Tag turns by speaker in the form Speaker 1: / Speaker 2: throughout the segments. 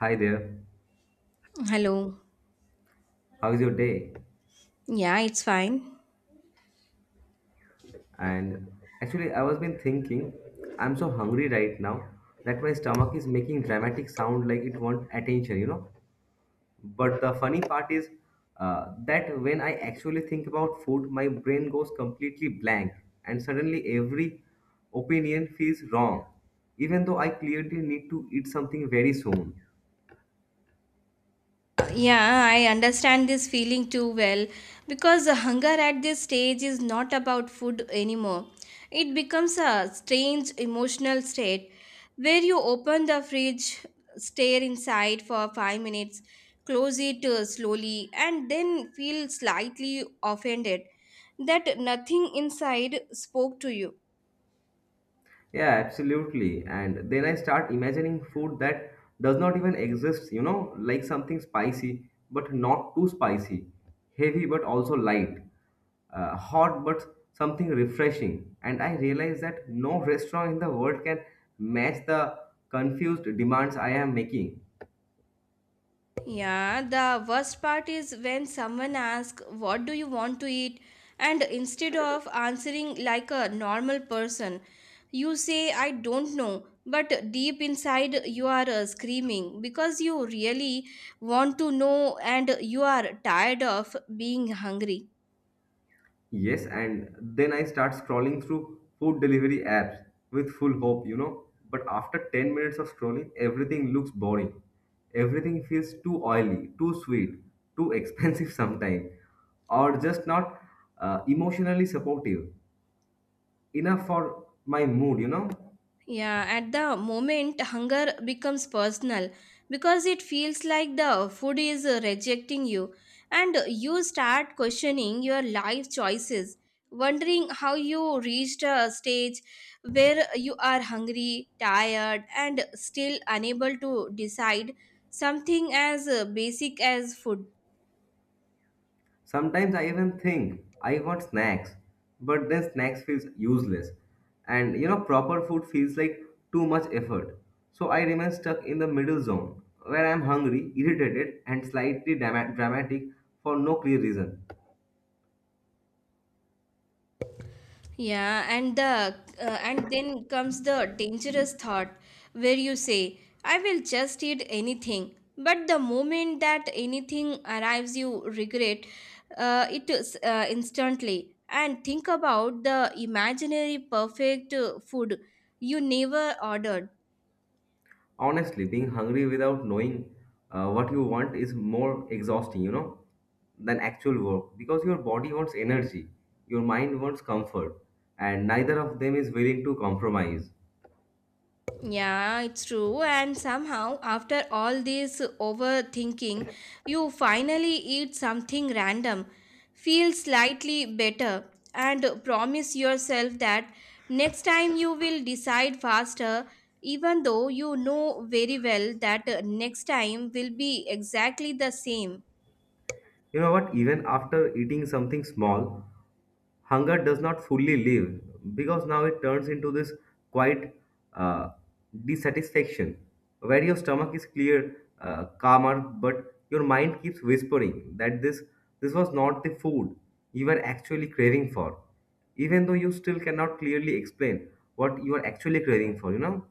Speaker 1: Hi there.
Speaker 2: Hello.
Speaker 1: How's your day?
Speaker 2: Yeah, it's fine.
Speaker 1: And actually, I was been thinking, I'm so hungry right now that my stomach is making dramatic sound like it want attention, you know. But the funny part is that when I actually think about food, my brain goes completely blank, and suddenly every opinion feels wrong, even though I clearly need to eat something very soon.
Speaker 2: Yeah, I understand this feeling too well because the hunger at this stage is not about food anymore. It becomes a strange emotional state where you open the fridge, stare inside for 5 minutes, close it slowly, and then feel slightly offended that nothing inside spoke to you.
Speaker 1: Yeah, absolutely. And then I start imagining food that does not even exist, you know, like something spicy, but not too spicy, heavy, but also light, hot, but something refreshing. And I realize that no restaurant in the world can match the confused demands I am making.
Speaker 2: Yeah, the worst part is when someone asks, What do you want to eat? And instead of answering like a normal person, you say, I don't know. But deep inside, you are screaming because you really want to know and you are tired of being hungry.
Speaker 1: Yes, and then I start scrolling through food delivery apps with full hope, you know. But after 10 minutes of scrolling, everything looks boring. Everything feels too oily, too sweet, too expensive sometimes, or just not emotionally supportive enough for my mood, you know.
Speaker 2: Yeah, at the moment, hunger becomes personal because it feels like the food is rejecting you, and you start questioning your life choices, wondering how you reached a stage where you are hungry, tired, and still unable to decide something as basic as food.
Speaker 1: Sometimes I even think I want snacks, but then snacks feels useless. And you know, proper food feels like too much effort. So I remain stuck in the middle zone where I'm hungry, irritated, and slightly dramatic for no clear reason.
Speaker 2: Yeah, and the and then comes the dangerous thought where you say, I will just eat anything. But the moment that anything arrives, you regret it is, instantly. And think about the imaginary perfect food you never ordered.
Speaker 1: Honestly, being hungry without knowing what you want is more exhausting, you know, than actual work because your body wants energy, your mind wants comfort, and neither of them is willing to compromise.
Speaker 2: Yeah, it's true. And somehow, after all this overthinking, you finally eat something random, feel slightly better, and promise yourself that next time you will decide faster, even though you know very well that next time will be exactly the same.
Speaker 1: You know what? Even after eating something small, hunger does not fully leave because now it turns into this quite uh, dissatisfaction where your stomach is clear, calmer, but your mind keeps whispering that this was not the food you were actually craving for, even though you still cannot clearly explain what you are actually craving for. You know,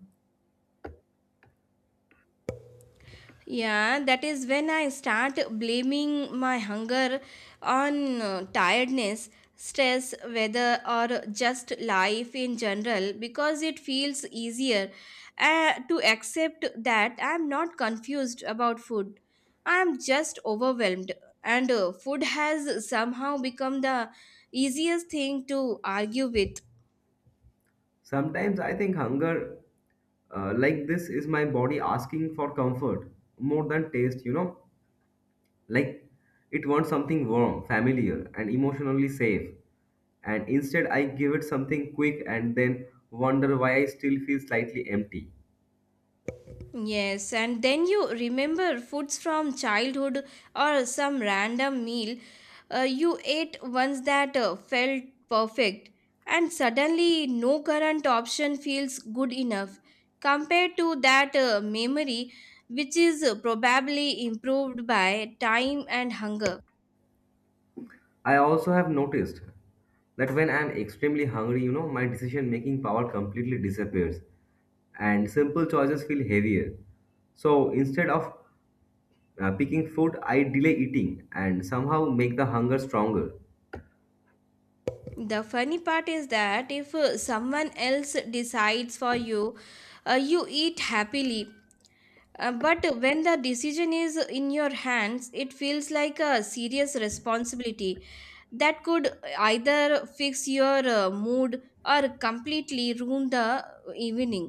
Speaker 2: Yeah, that is when I start blaming my hunger on tiredness, stress, weather, or just life in general because it feels easier to accept that I'm not confused about food. I'm just overwhelmed, and food has somehow become the easiest thing to argue with.
Speaker 1: sometimes I think hunger like this is my body asking for comfort more than taste. You know, like, it wants something warm, familiar, and emotionally safe. And instead, I give it something quick and then wonder why I still feel slightly empty.
Speaker 2: Yes, and then you remember foods from childhood or some random meal you ate once that felt perfect, and suddenly no current option feels good enough compared to that memory, which is probably improved by time and hunger.
Speaker 1: I also have noticed that when I'm extremely hungry, you know, my decision making power completely disappears and simple choices feel heavier. So instead of picking food, I delay eating and somehow make the hunger stronger.
Speaker 2: The funny part is that if someone else decides for you, you eat happily. But when the decision is in your hands, it feels like a serious responsibility that could either fix your mood or completely ruin the evening.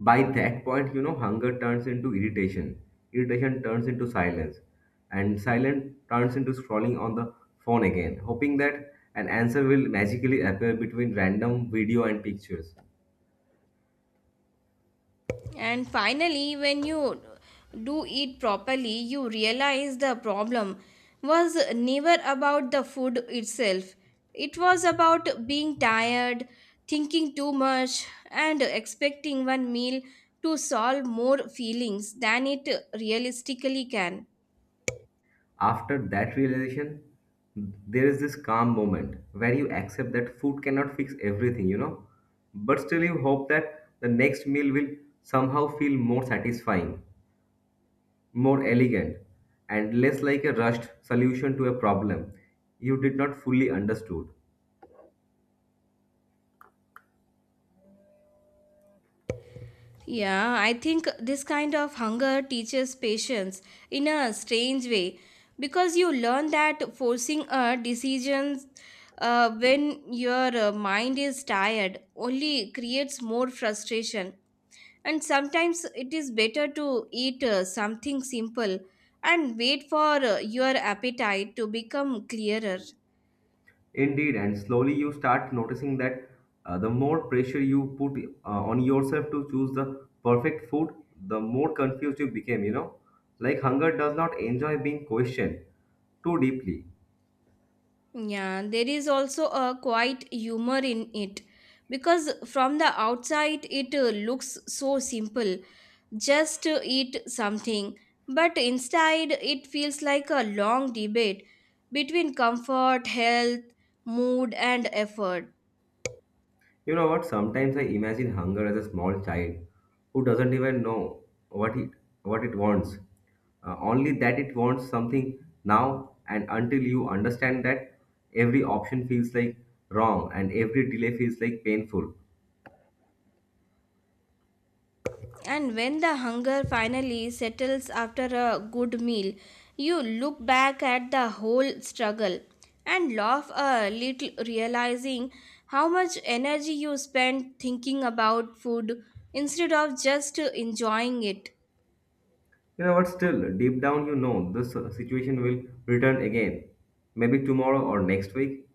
Speaker 1: By that point, you know, hunger turns into irritation, irritation turns into silence, and silence turns into scrolling on the phone again, hoping that an answer will magically appear between random video and pictures.
Speaker 2: And finally, when you do eat properly, you realize the problem was never about the food itself. It was about being tired, thinking too much, and expecting one meal to solve more feelings than it realistically can.
Speaker 1: After that realization, there is this calm moment where you accept that food cannot fix everything, you know, but still you hope that the next meal will somehow feel more satisfying, more elegant, and less like a rushed solution to a problem you did not fully understood.
Speaker 2: Yeah, I think this kind of hunger teaches patience in a strange way because you learn that forcing a decision when your mind is tired only creates more frustration. And sometimes it is better to eat something simple and wait for your appetite to become clearer.
Speaker 1: Indeed, and slowly you start noticing that the more pressure you put on yourself to choose the perfect food, the more confused you became, you know. Like hunger does not enjoy being questioned too deeply.
Speaker 2: Yeah, there is also a quite humor in it because from the outside it looks so simple, just eat something, but inside it feels like a long debate between comfort, health, mood, and effort.
Speaker 1: You know what? Sometimes I imagine hunger as a small child who doesn't even know what it what it wants. Only that it wants something now, and until you understand that, every option feels like wrong and every delay feels like painful.
Speaker 2: And when the hunger finally settles after a good meal, you look back at the whole struggle and laugh a little, realizing how much energy you spent thinking about food instead of just enjoying it.
Speaker 1: You know, but still, deep down, you know this situation will return again, maybe tomorrow or next week.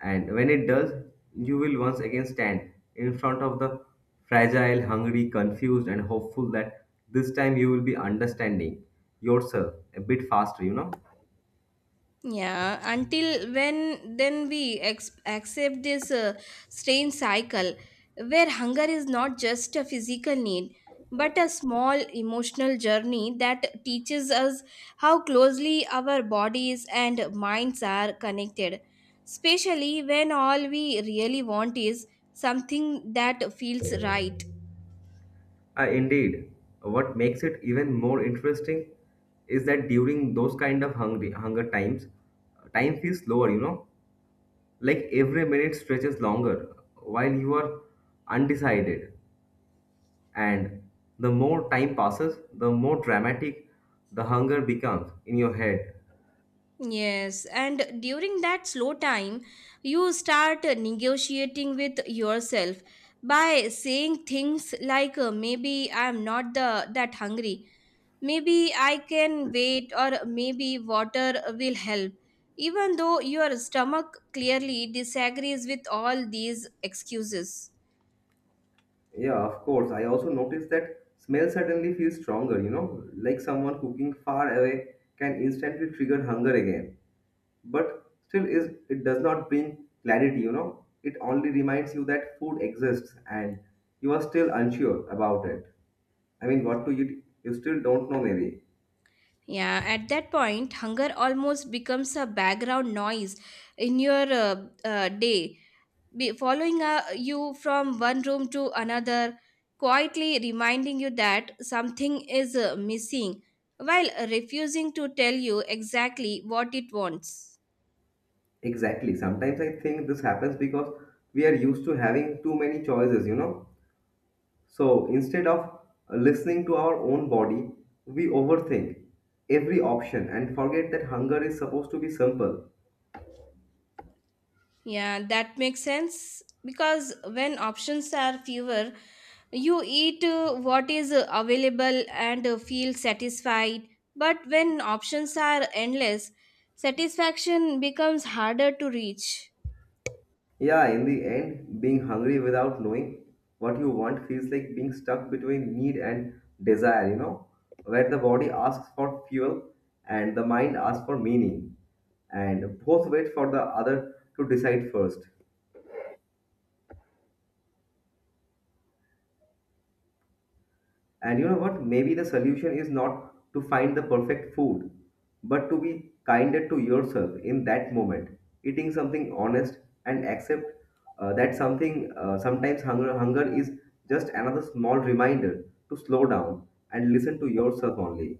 Speaker 1: And when it does, you will once again stand in front of the fragile, hungry, confused, and hopeful that this time you will be understanding yourself a bit faster, you know.
Speaker 2: Yeah, until when then we accept this strange cycle where hunger is not just a physical need but a small emotional journey that teaches us how closely our bodies and minds are connected, especially when all we really want is something that feels right.
Speaker 1: Indeed, what makes it even more interesting is that during those kind of hungry hunger times, time feels slower, you know, like every minute stretches longer while you are undecided, and the more time passes, the more dramatic the hunger becomes in your head.
Speaker 2: Yes, and during that slow time, you start negotiating with yourself by saying things like maybe I'm not the that hungry, maybe I can wait or maybe water will help. Even though your stomach clearly disagrees with all these excuses.
Speaker 1: Yeah, of course. I also noticed that smell suddenly feels stronger, you know, like someone cooking far away can instantly trigger hunger again. But still is it does not bring clarity, you know. It only reminds you that food exists and you are still unsure about it. I mean, what to eat, you still don't know maybe.
Speaker 2: Yeah, at that point, hunger almost becomes a background noise in your day be following you from one room to another, quietly reminding you that something is missing, while refusing to tell you exactly what it wants.
Speaker 1: Exactly. Sometimes I think this happens because we are used to having too many choices, you know. So instead of listening to our own body, we overthink every option and forget that hunger is supposed to be simple.
Speaker 2: Yeah, that makes sense because when options are fewer, you eat what is available and feel satisfied. But when options are endless, satisfaction becomes harder to reach.
Speaker 1: Yeah, in the end, being hungry without knowing what you want feels like being stuck between need and desire, you know, where the body asks for fuel and the mind asks for meaning, and both wait for the other to decide first. And you know what? Maybe the solution is not to find the perfect food, but to be kinder to yourself in that moment, eating something honest and accept that something sometimes hunger is just another small reminder to slow down and listen to yourself only.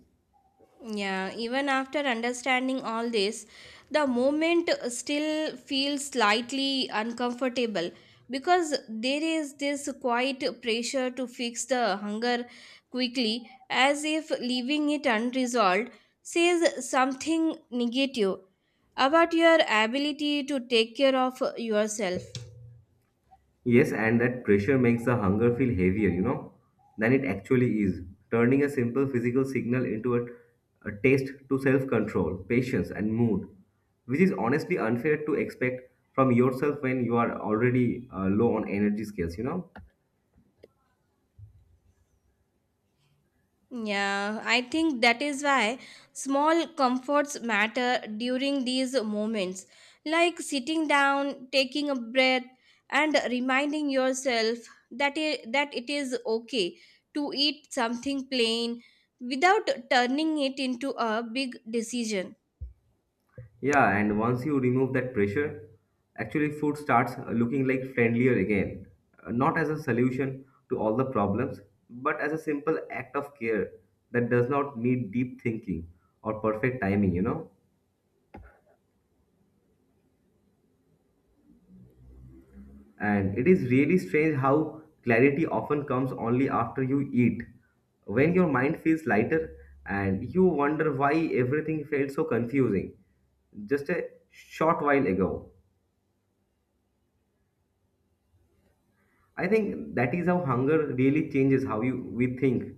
Speaker 2: Yeah, even after understanding all this, the moment still feels slightly uncomfortable because there is this quiet pressure to fix the hunger quickly, as if leaving it unresolved says something negative about your ability to take care of yourself.
Speaker 1: Yes, and that pressure makes the hunger feel heavier, you know, than it actually is, turning a simple physical signal into a taste to self control, patience, and mood, which is honestly unfair to expect from yourself when you are already low on energy scales, you know.
Speaker 2: Yeah, I think that is why small comforts matter during these moments, like sitting down, taking a breath, and reminding yourself that it is okay to eat something plain without turning it into a big decision.
Speaker 1: Yeah, and once you remove that pressure, actually food starts looking like friendlier again. Not as a solution to all the problems, but as a simple act of care that does not need deep thinking or perfect timing, you know? And it is really strange how clarity often comes only after you eat. When your mind feels lighter and you wonder why everything felt so confusing just a short while ago. I think that is how hunger really changes how you we think,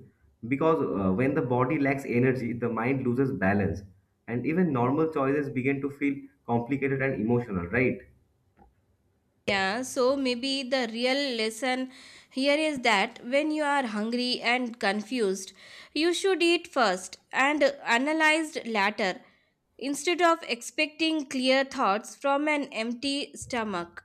Speaker 1: because when the body lacks energy, the mind loses balance, and even normal choices begin to feel complicated and emotional. Right?
Speaker 2: Yeah, so maybe the real lesson here is that when you are hungry and confused, you should eat first and analyzed later instead of expecting clear thoughts from an empty stomach.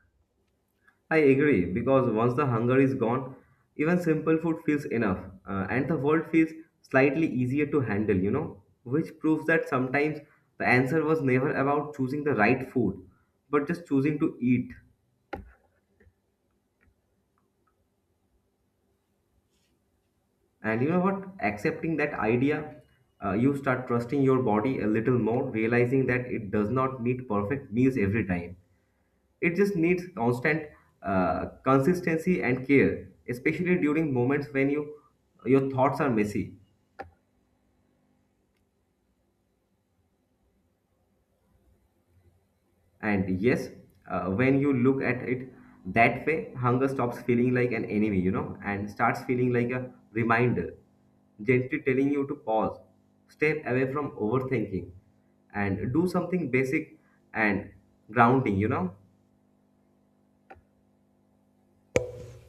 Speaker 1: I agree because once the hunger is gone, even simple food feels enough, and the world feels slightly easier to handle. You know, which proves that sometimes the answer was never about choosing the right food, but just choosing to eat. And you know what? Accepting that idea, you start trusting your body a little more, realizing that it does not need perfect meals every time. It just needs constant consistency and care, especially during moments when you your thoughts are messy. And yes, when you look at it that way, hunger stops feeling like an enemy, you know, and starts feeling like a reminder, gently telling you to pause, step away from overthinking, and do something basic and grounding, you know.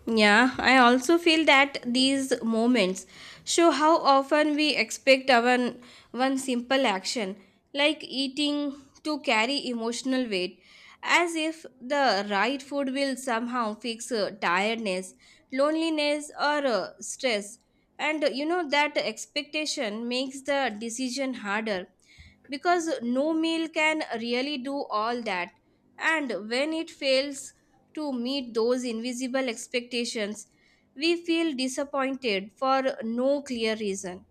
Speaker 2: Yeah, I also feel that these moments show how often we expect our one simple action, like eating, to carry emotional weight, as if the right food will somehow fix tiredness, loneliness, or stress. And you know that expectation makes the decision harder because no meal can really do all that. And when it fails, to meet those invisible expectations, we feel disappointed for no clear reason.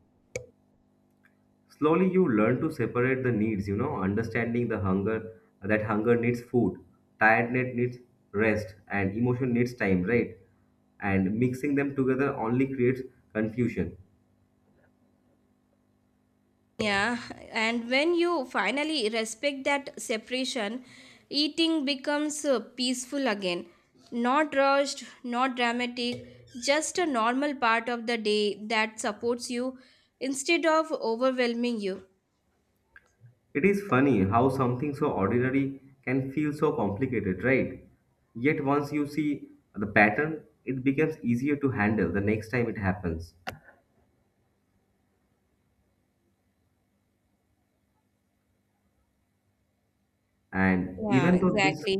Speaker 1: Slowly, you learn to separate the needs, you know, understanding the hunger that hunger needs food, tiredness needs rest, and emotion needs time, right? And mixing them together only creates confusion.
Speaker 2: Yeah, and when you finally respect that separation, eating becomes peaceful again. Not rushed, not dramatic, just a normal part of the day that supports you instead of overwhelming you.
Speaker 1: It is funny how something so ordinary can feel so complicated, right? Yet once you see the pattern, it becomes easier to handle the next time it happens. And
Speaker 2: Yeah,
Speaker 1: even though this,
Speaker 2: exactly.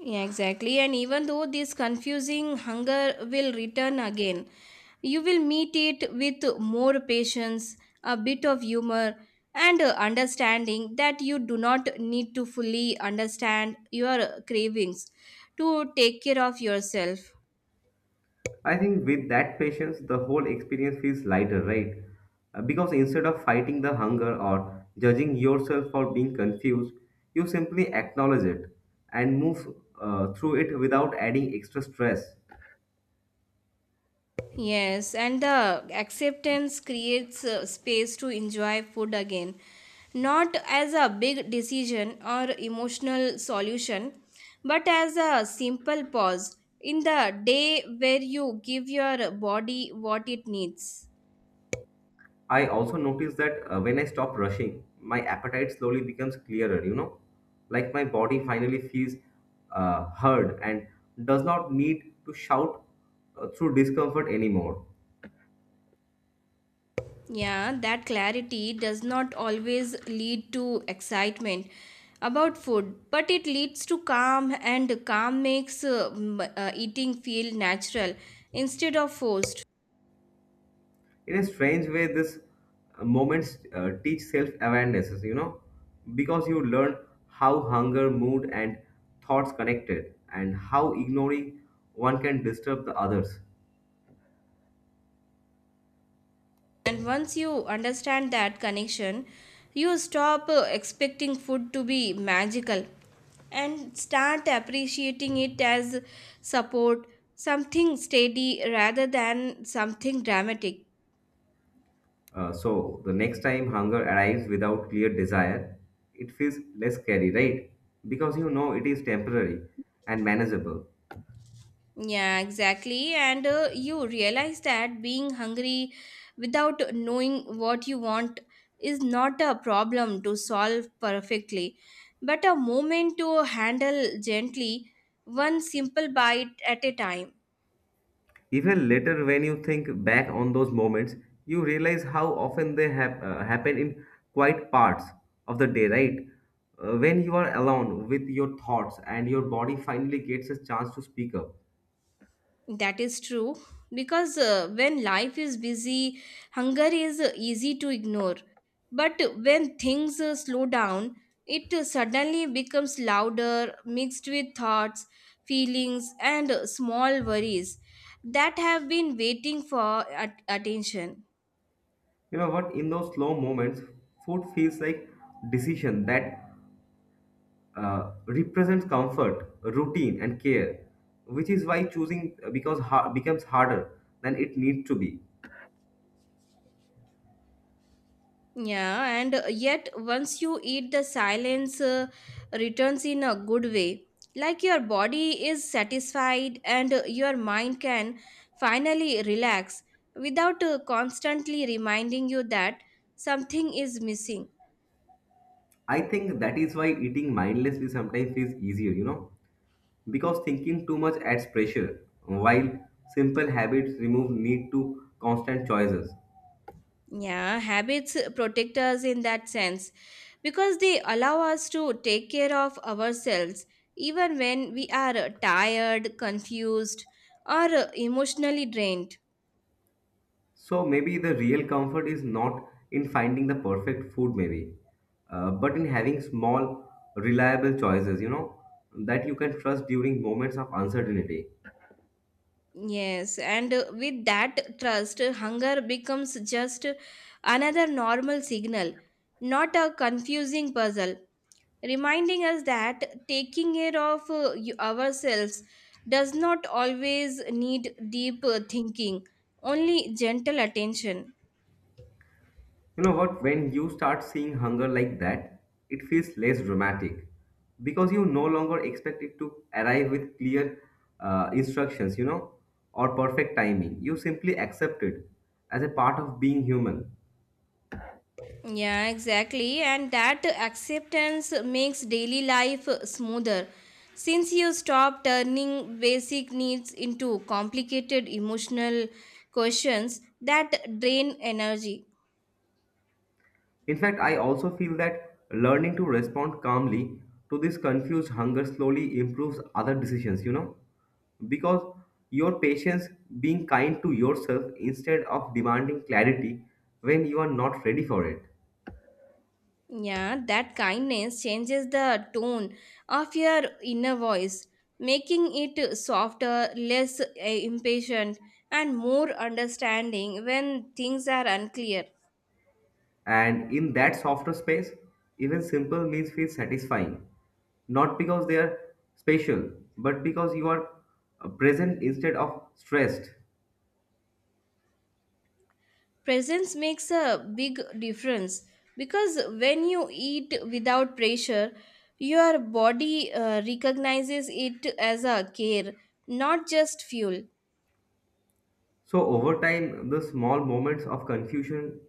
Speaker 2: Yeah, exactly. And even though this confusing hunger will return again, you will meet it with more patience, a bit of humor, and understanding that you do not need to fully understand your cravings to take care of yourself.
Speaker 1: I think with that patience, the whole experience feels lighter, right? Because instead of fighting the hunger or judging yourself for being confused, you simply acknowledge it and move through it without adding extra stress.
Speaker 2: Yes, and the acceptance creates space to enjoy food again, not as a big decision or emotional solution, but as a simple pause in the day where you give your body what it needs.
Speaker 1: I also notice that when I stop rushing, my appetite slowly becomes clearer, you know, like my body finally feels heard and does not need to shout through discomfort anymore.
Speaker 2: Yeah, that clarity does not always lead to excitement about food, but it leads to calm, and calm makes eating feel natural instead of forced.
Speaker 1: In a strange way, this moments teach self-awarenesses, you know, because you learn how hunger, mood, and thoughts connected, and how ignoring one can disturb the others.
Speaker 2: And once you understand that connection, you stop expecting food to be magical and start appreciating it as support, something steady rather than something dramatic.
Speaker 1: So the next time hunger arrives without clear desire, it feels less scary, right? Because you know it is temporary and manageable.
Speaker 2: Yeah, exactly. And you realize that being hungry without knowing what you want is not a problem to solve perfectly, but a moment to handle gently, one simple bite at a time.
Speaker 1: Even later, when you think back on those moments, you realize how often they happen in quiet parts of the day, right? When you are alone with your thoughts and your body finally gets a chance to speak up.
Speaker 2: That is true because when life is busy, hunger is easy to ignore. But when things slow down, it suddenly becomes louder, mixed with thoughts, feelings, and small worries that have been waiting for attention.
Speaker 1: You know what? In those slow moments, food feels like decision that represents comfort, routine, and care, which is why becomes harder than it needs to be.
Speaker 2: Yeah, and yet once you eat, the silence returns in a good way. Like your body is satisfied and your mind can finally relax without constantly reminding you that something is missing.
Speaker 1: I think that is why eating mindlessly sometimes feels easier, you know, because thinking too much adds pressure, while simple habits remove need to constant choices.
Speaker 2: Yeah, habits protect us in that sense because they allow us to take care of ourselves even when we are tired, confused, or emotionally drained.
Speaker 1: So maybe the real comfort is not in finding the perfect food, maybe, but in having small, reliable choices, you know, that you can trust during moments of uncertainty.
Speaker 2: Yes, and with that trust, hunger becomes just another normal signal, not a confusing puzzle, reminding us that taking care of ourselves does not always need deep thinking, only gentle attention.
Speaker 1: You know what? When you start seeing hunger like that, it feels less dramatic because you no longer expect it to arrive with clear instructions, you know, or perfect timing. You simply accept it as a part of being human.
Speaker 2: Yeah, exactly. And that acceptance makes daily life smoother. Since you stop turning basic needs into complicated emotional questions that drain energy.
Speaker 1: In fact, I also feel that learning to respond calmly to this confused hunger slowly improves other decisions, you know, because your patience being kind to yourself instead of demanding clarity when you are not ready for it.
Speaker 2: Yeah, that kindness changes the tone of your inner voice, making it softer, less impatient, and more understanding when things are unclear.
Speaker 1: And in that softer space, even simple meals feel satisfying, not because they are special, but because you are present instead of stressed.
Speaker 2: Presence makes a big difference because when you eat without pressure, your body recognizes it as a care, not just fuel.
Speaker 1: So, over time, the small moments of confusion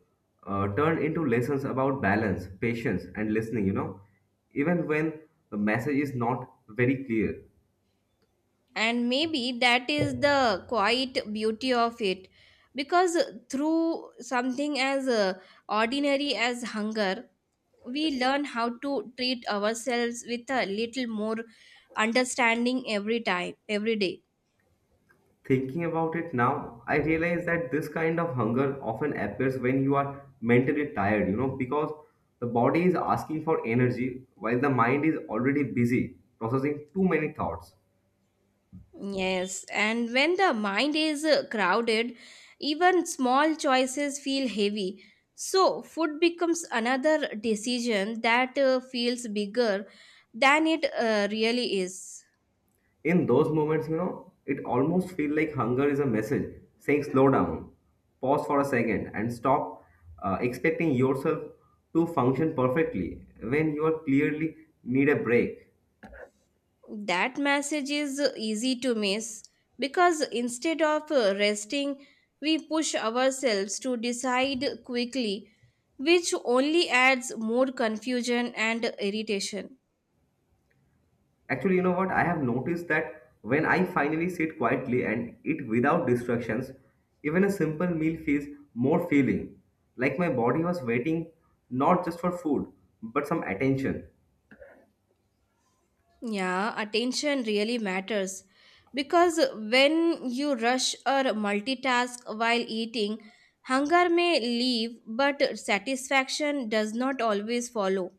Speaker 1: turn into lessons about balance, patience, and listening, you know, even when the message is not very clear.
Speaker 2: And maybe that is the quiet beauty of it because through something as ordinary as hunger we learn how to treat ourselves with a little more understanding, every time, every day.
Speaker 1: Thinking about it now, I realize that this kind of hunger often appears when you are mentally tired, you know, because the body is asking for energy while the mind is already busy processing too many thoughts.
Speaker 2: Yes, and when the mind is crowded, even small choices feel heavy. So, food becomes another decision that feels bigger than it really is.
Speaker 1: In those moments, you know, it almost feels like hunger is a message saying slow down, pause for a second, and stop expecting yourself to function perfectly when you are clearly need a break.
Speaker 2: That message is easy to miss because instead of resting, we push ourselves to decide quickly, which only adds more confusion and irritation.
Speaker 1: Actually, you know what? I have noticed that when I finally sit quietly and eat without distractions, even a simple meal feels more feeling. Like my body was waiting not just for food, but some attention.
Speaker 2: Yeah, attention really matters because when you rush or multitask while eating, hunger may leave, but satisfaction does not always follow.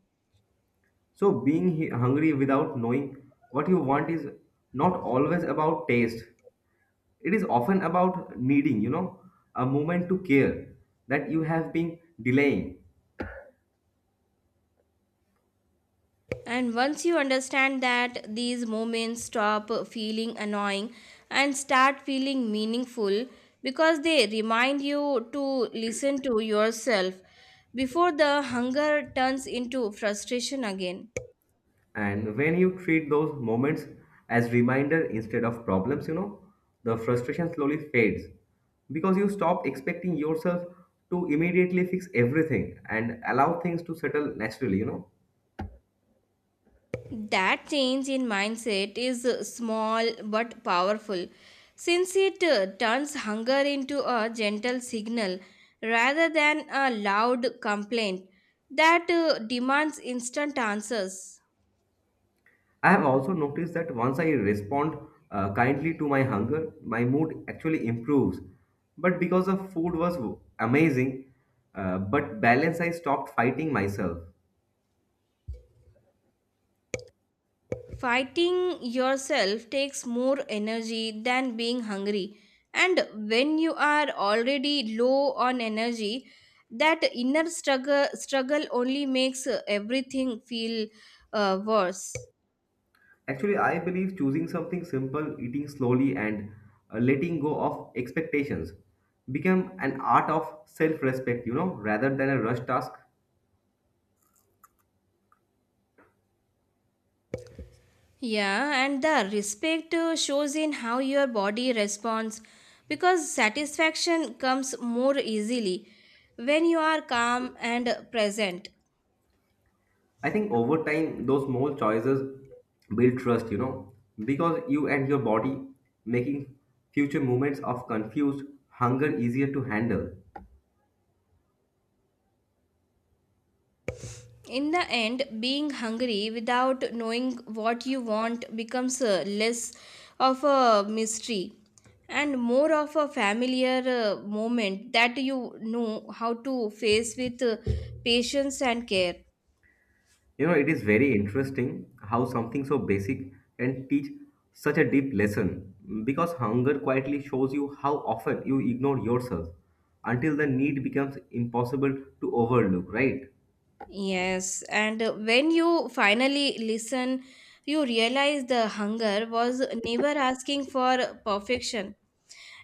Speaker 1: So, being hungry without knowing what you want is not always about taste. It is often about needing, you know, a moment to care that you have been delaying.
Speaker 2: And once you understand that, these moments stop feeling annoying and start feeling meaningful because they remind you to listen to yourself before the hunger turns into frustration again.
Speaker 1: And when you treat those moments as reminder instead of problems, you know, the frustration slowly fades because you stop expecting yourself to immediately fix everything and allow things to settle naturally, you know.
Speaker 2: That change in mindset is small but powerful, since it turns hunger into a gentle signal rather than a loud complaint that demands instant answers.
Speaker 1: I have also noticed that once I respond kindly to my hunger, my mood actually improves. But because the food was amazing, but balance, I stopped fighting myself.
Speaker 2: Fighting yourself takes more energy than being hungry, and when you are already low on energy, that inner struggle only makes everything feel worse.
Speaker 1: Actually, I believe choosing something simple, eating slowly, and letting go of expectations become an art of self respect, you know, rather than a rush task.
Speaker 2: Yeah, and the respect shows in how your body responds because satisfaction comes more easily when you are calm and present.
Speaker 1: I think over time, those small choices build trust, you know, because you and your body making future moments of confused hunger easier to handle.
Speaker 2: In the end, being hungry without knowing what you want becomes less of a mystery and more of a familiar moment that you know how to face with patience and care.
Speaker 1: You know, it is very interesting how something so basic can teach such a deep lesson because hunger quietly shows you how often you ignore yourself until the need becomes impossible to overlook, right?
Speaker 2: Yes, and when you finally listen, you realize the hunger was never asking for perfection.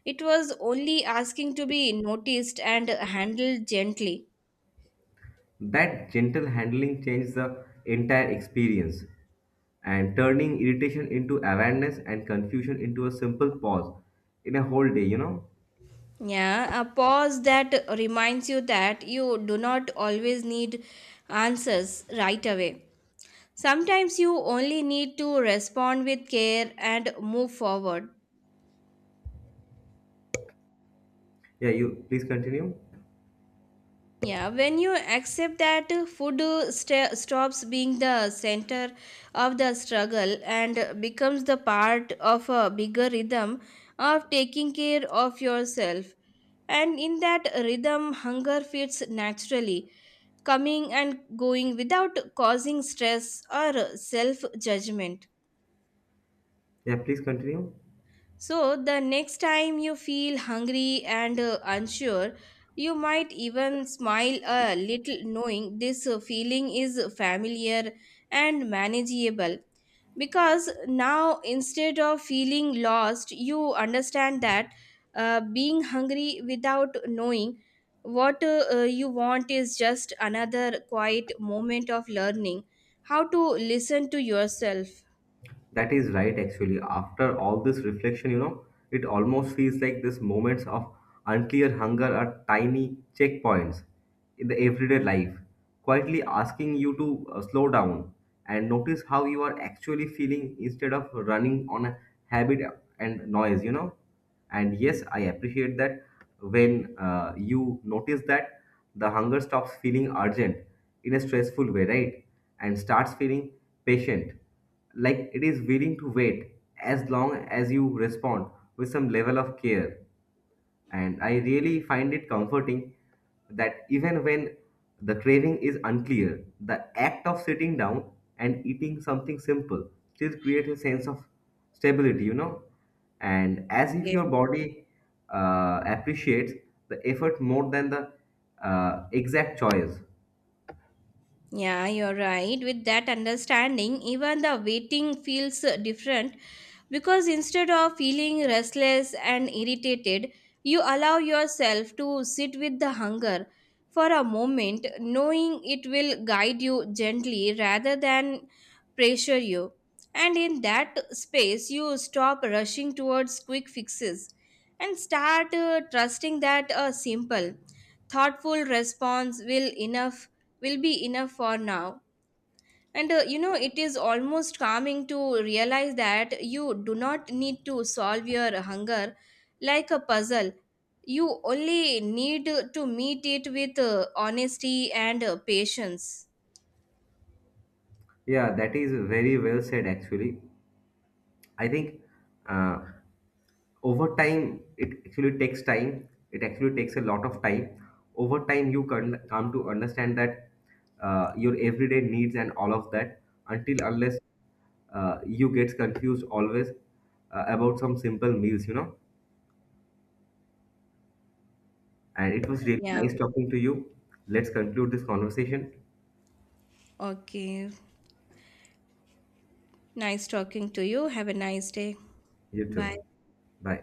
Speaker 2: It was only asking to be noticed and handled gently.
Speaker 1: That gentle handling changes the entire experience and turning irritation into awareness and confusion into a simple pause in a whole day, you know?
Speaker 2: Yeah, a pause that reminds you that you do not always need answers right away. Sometimes you only need to respond with care and move forward.
Speaker 1: Yeah, you please continue.
Speaker 2: Yeah, when you accept that food sta stops being the center of the struggle and becomes the part of a bigger rhythm of taking care of yourself. And in that rhythm, hunger fits naturally, coming and going without causing stress or self judgment.
Speaker 1: Yeah, please continue.
Speaker 2: So, the next time you feel hungry and unsure, you might even smile a little, knowing this feeling is familiar and manageable. Because now, instead of feeling lost, you understand that being hungry without knowing what you want is just another quiet moment of learning how to listen to yourself.
Speaker 1: That is right, actually. After all this reflection, you know, it almost feels like these moments of unclear hunger are tiny checkpoints in the everyday life, quietly asking you to slow down and notice how you are actually feeling instead of running on a habit and noise, you know, and yes, I appreciate that when you notice that the hunger stops feeling urgent in a stressful way, right, and starts feeling patient, like it is willing to wait as long as you respond with some level of care. And I really find it comforting that even when the craving is unclear, the act of sitting down and eating something simple still creates a sense of stability, you know, and as if your
Speaker 2: Okay.
Speaker 1: body appreciates the effort more than the exact choice.
Speaker 2: Yeah, you're right. With that understanding, even the waiting feels different because instead of feeling restless and irritated, you allow yourself to sit with the hunger for a moment, knowing it will guide you gently rather than pressure you. And in that space, you stop rushing towards quick fixes and start trusting that a simple, thoughtful response will be enough for now. And it is almost calming to realize that you do not need to solve your hunger like a puzzle. You only need to meet it with honesty and patience.
Speaker 1: Yeah, that is very well said, actually. I think. Uh, over time it actually takes a lot of time. Over time, you can come to understand that your everyday needs and all of that until unless you get confused always about some simple meals, you know. And it was really
Speaker 2: Yeah.
Speaker 1: nice talking to you. Let's conclude this conversation.
Speaker 2: Okay. Nice talking to you. Have a nice day.
Speaker 1: You
Speaker 2: Bye.
Speaker 1: too. Bye.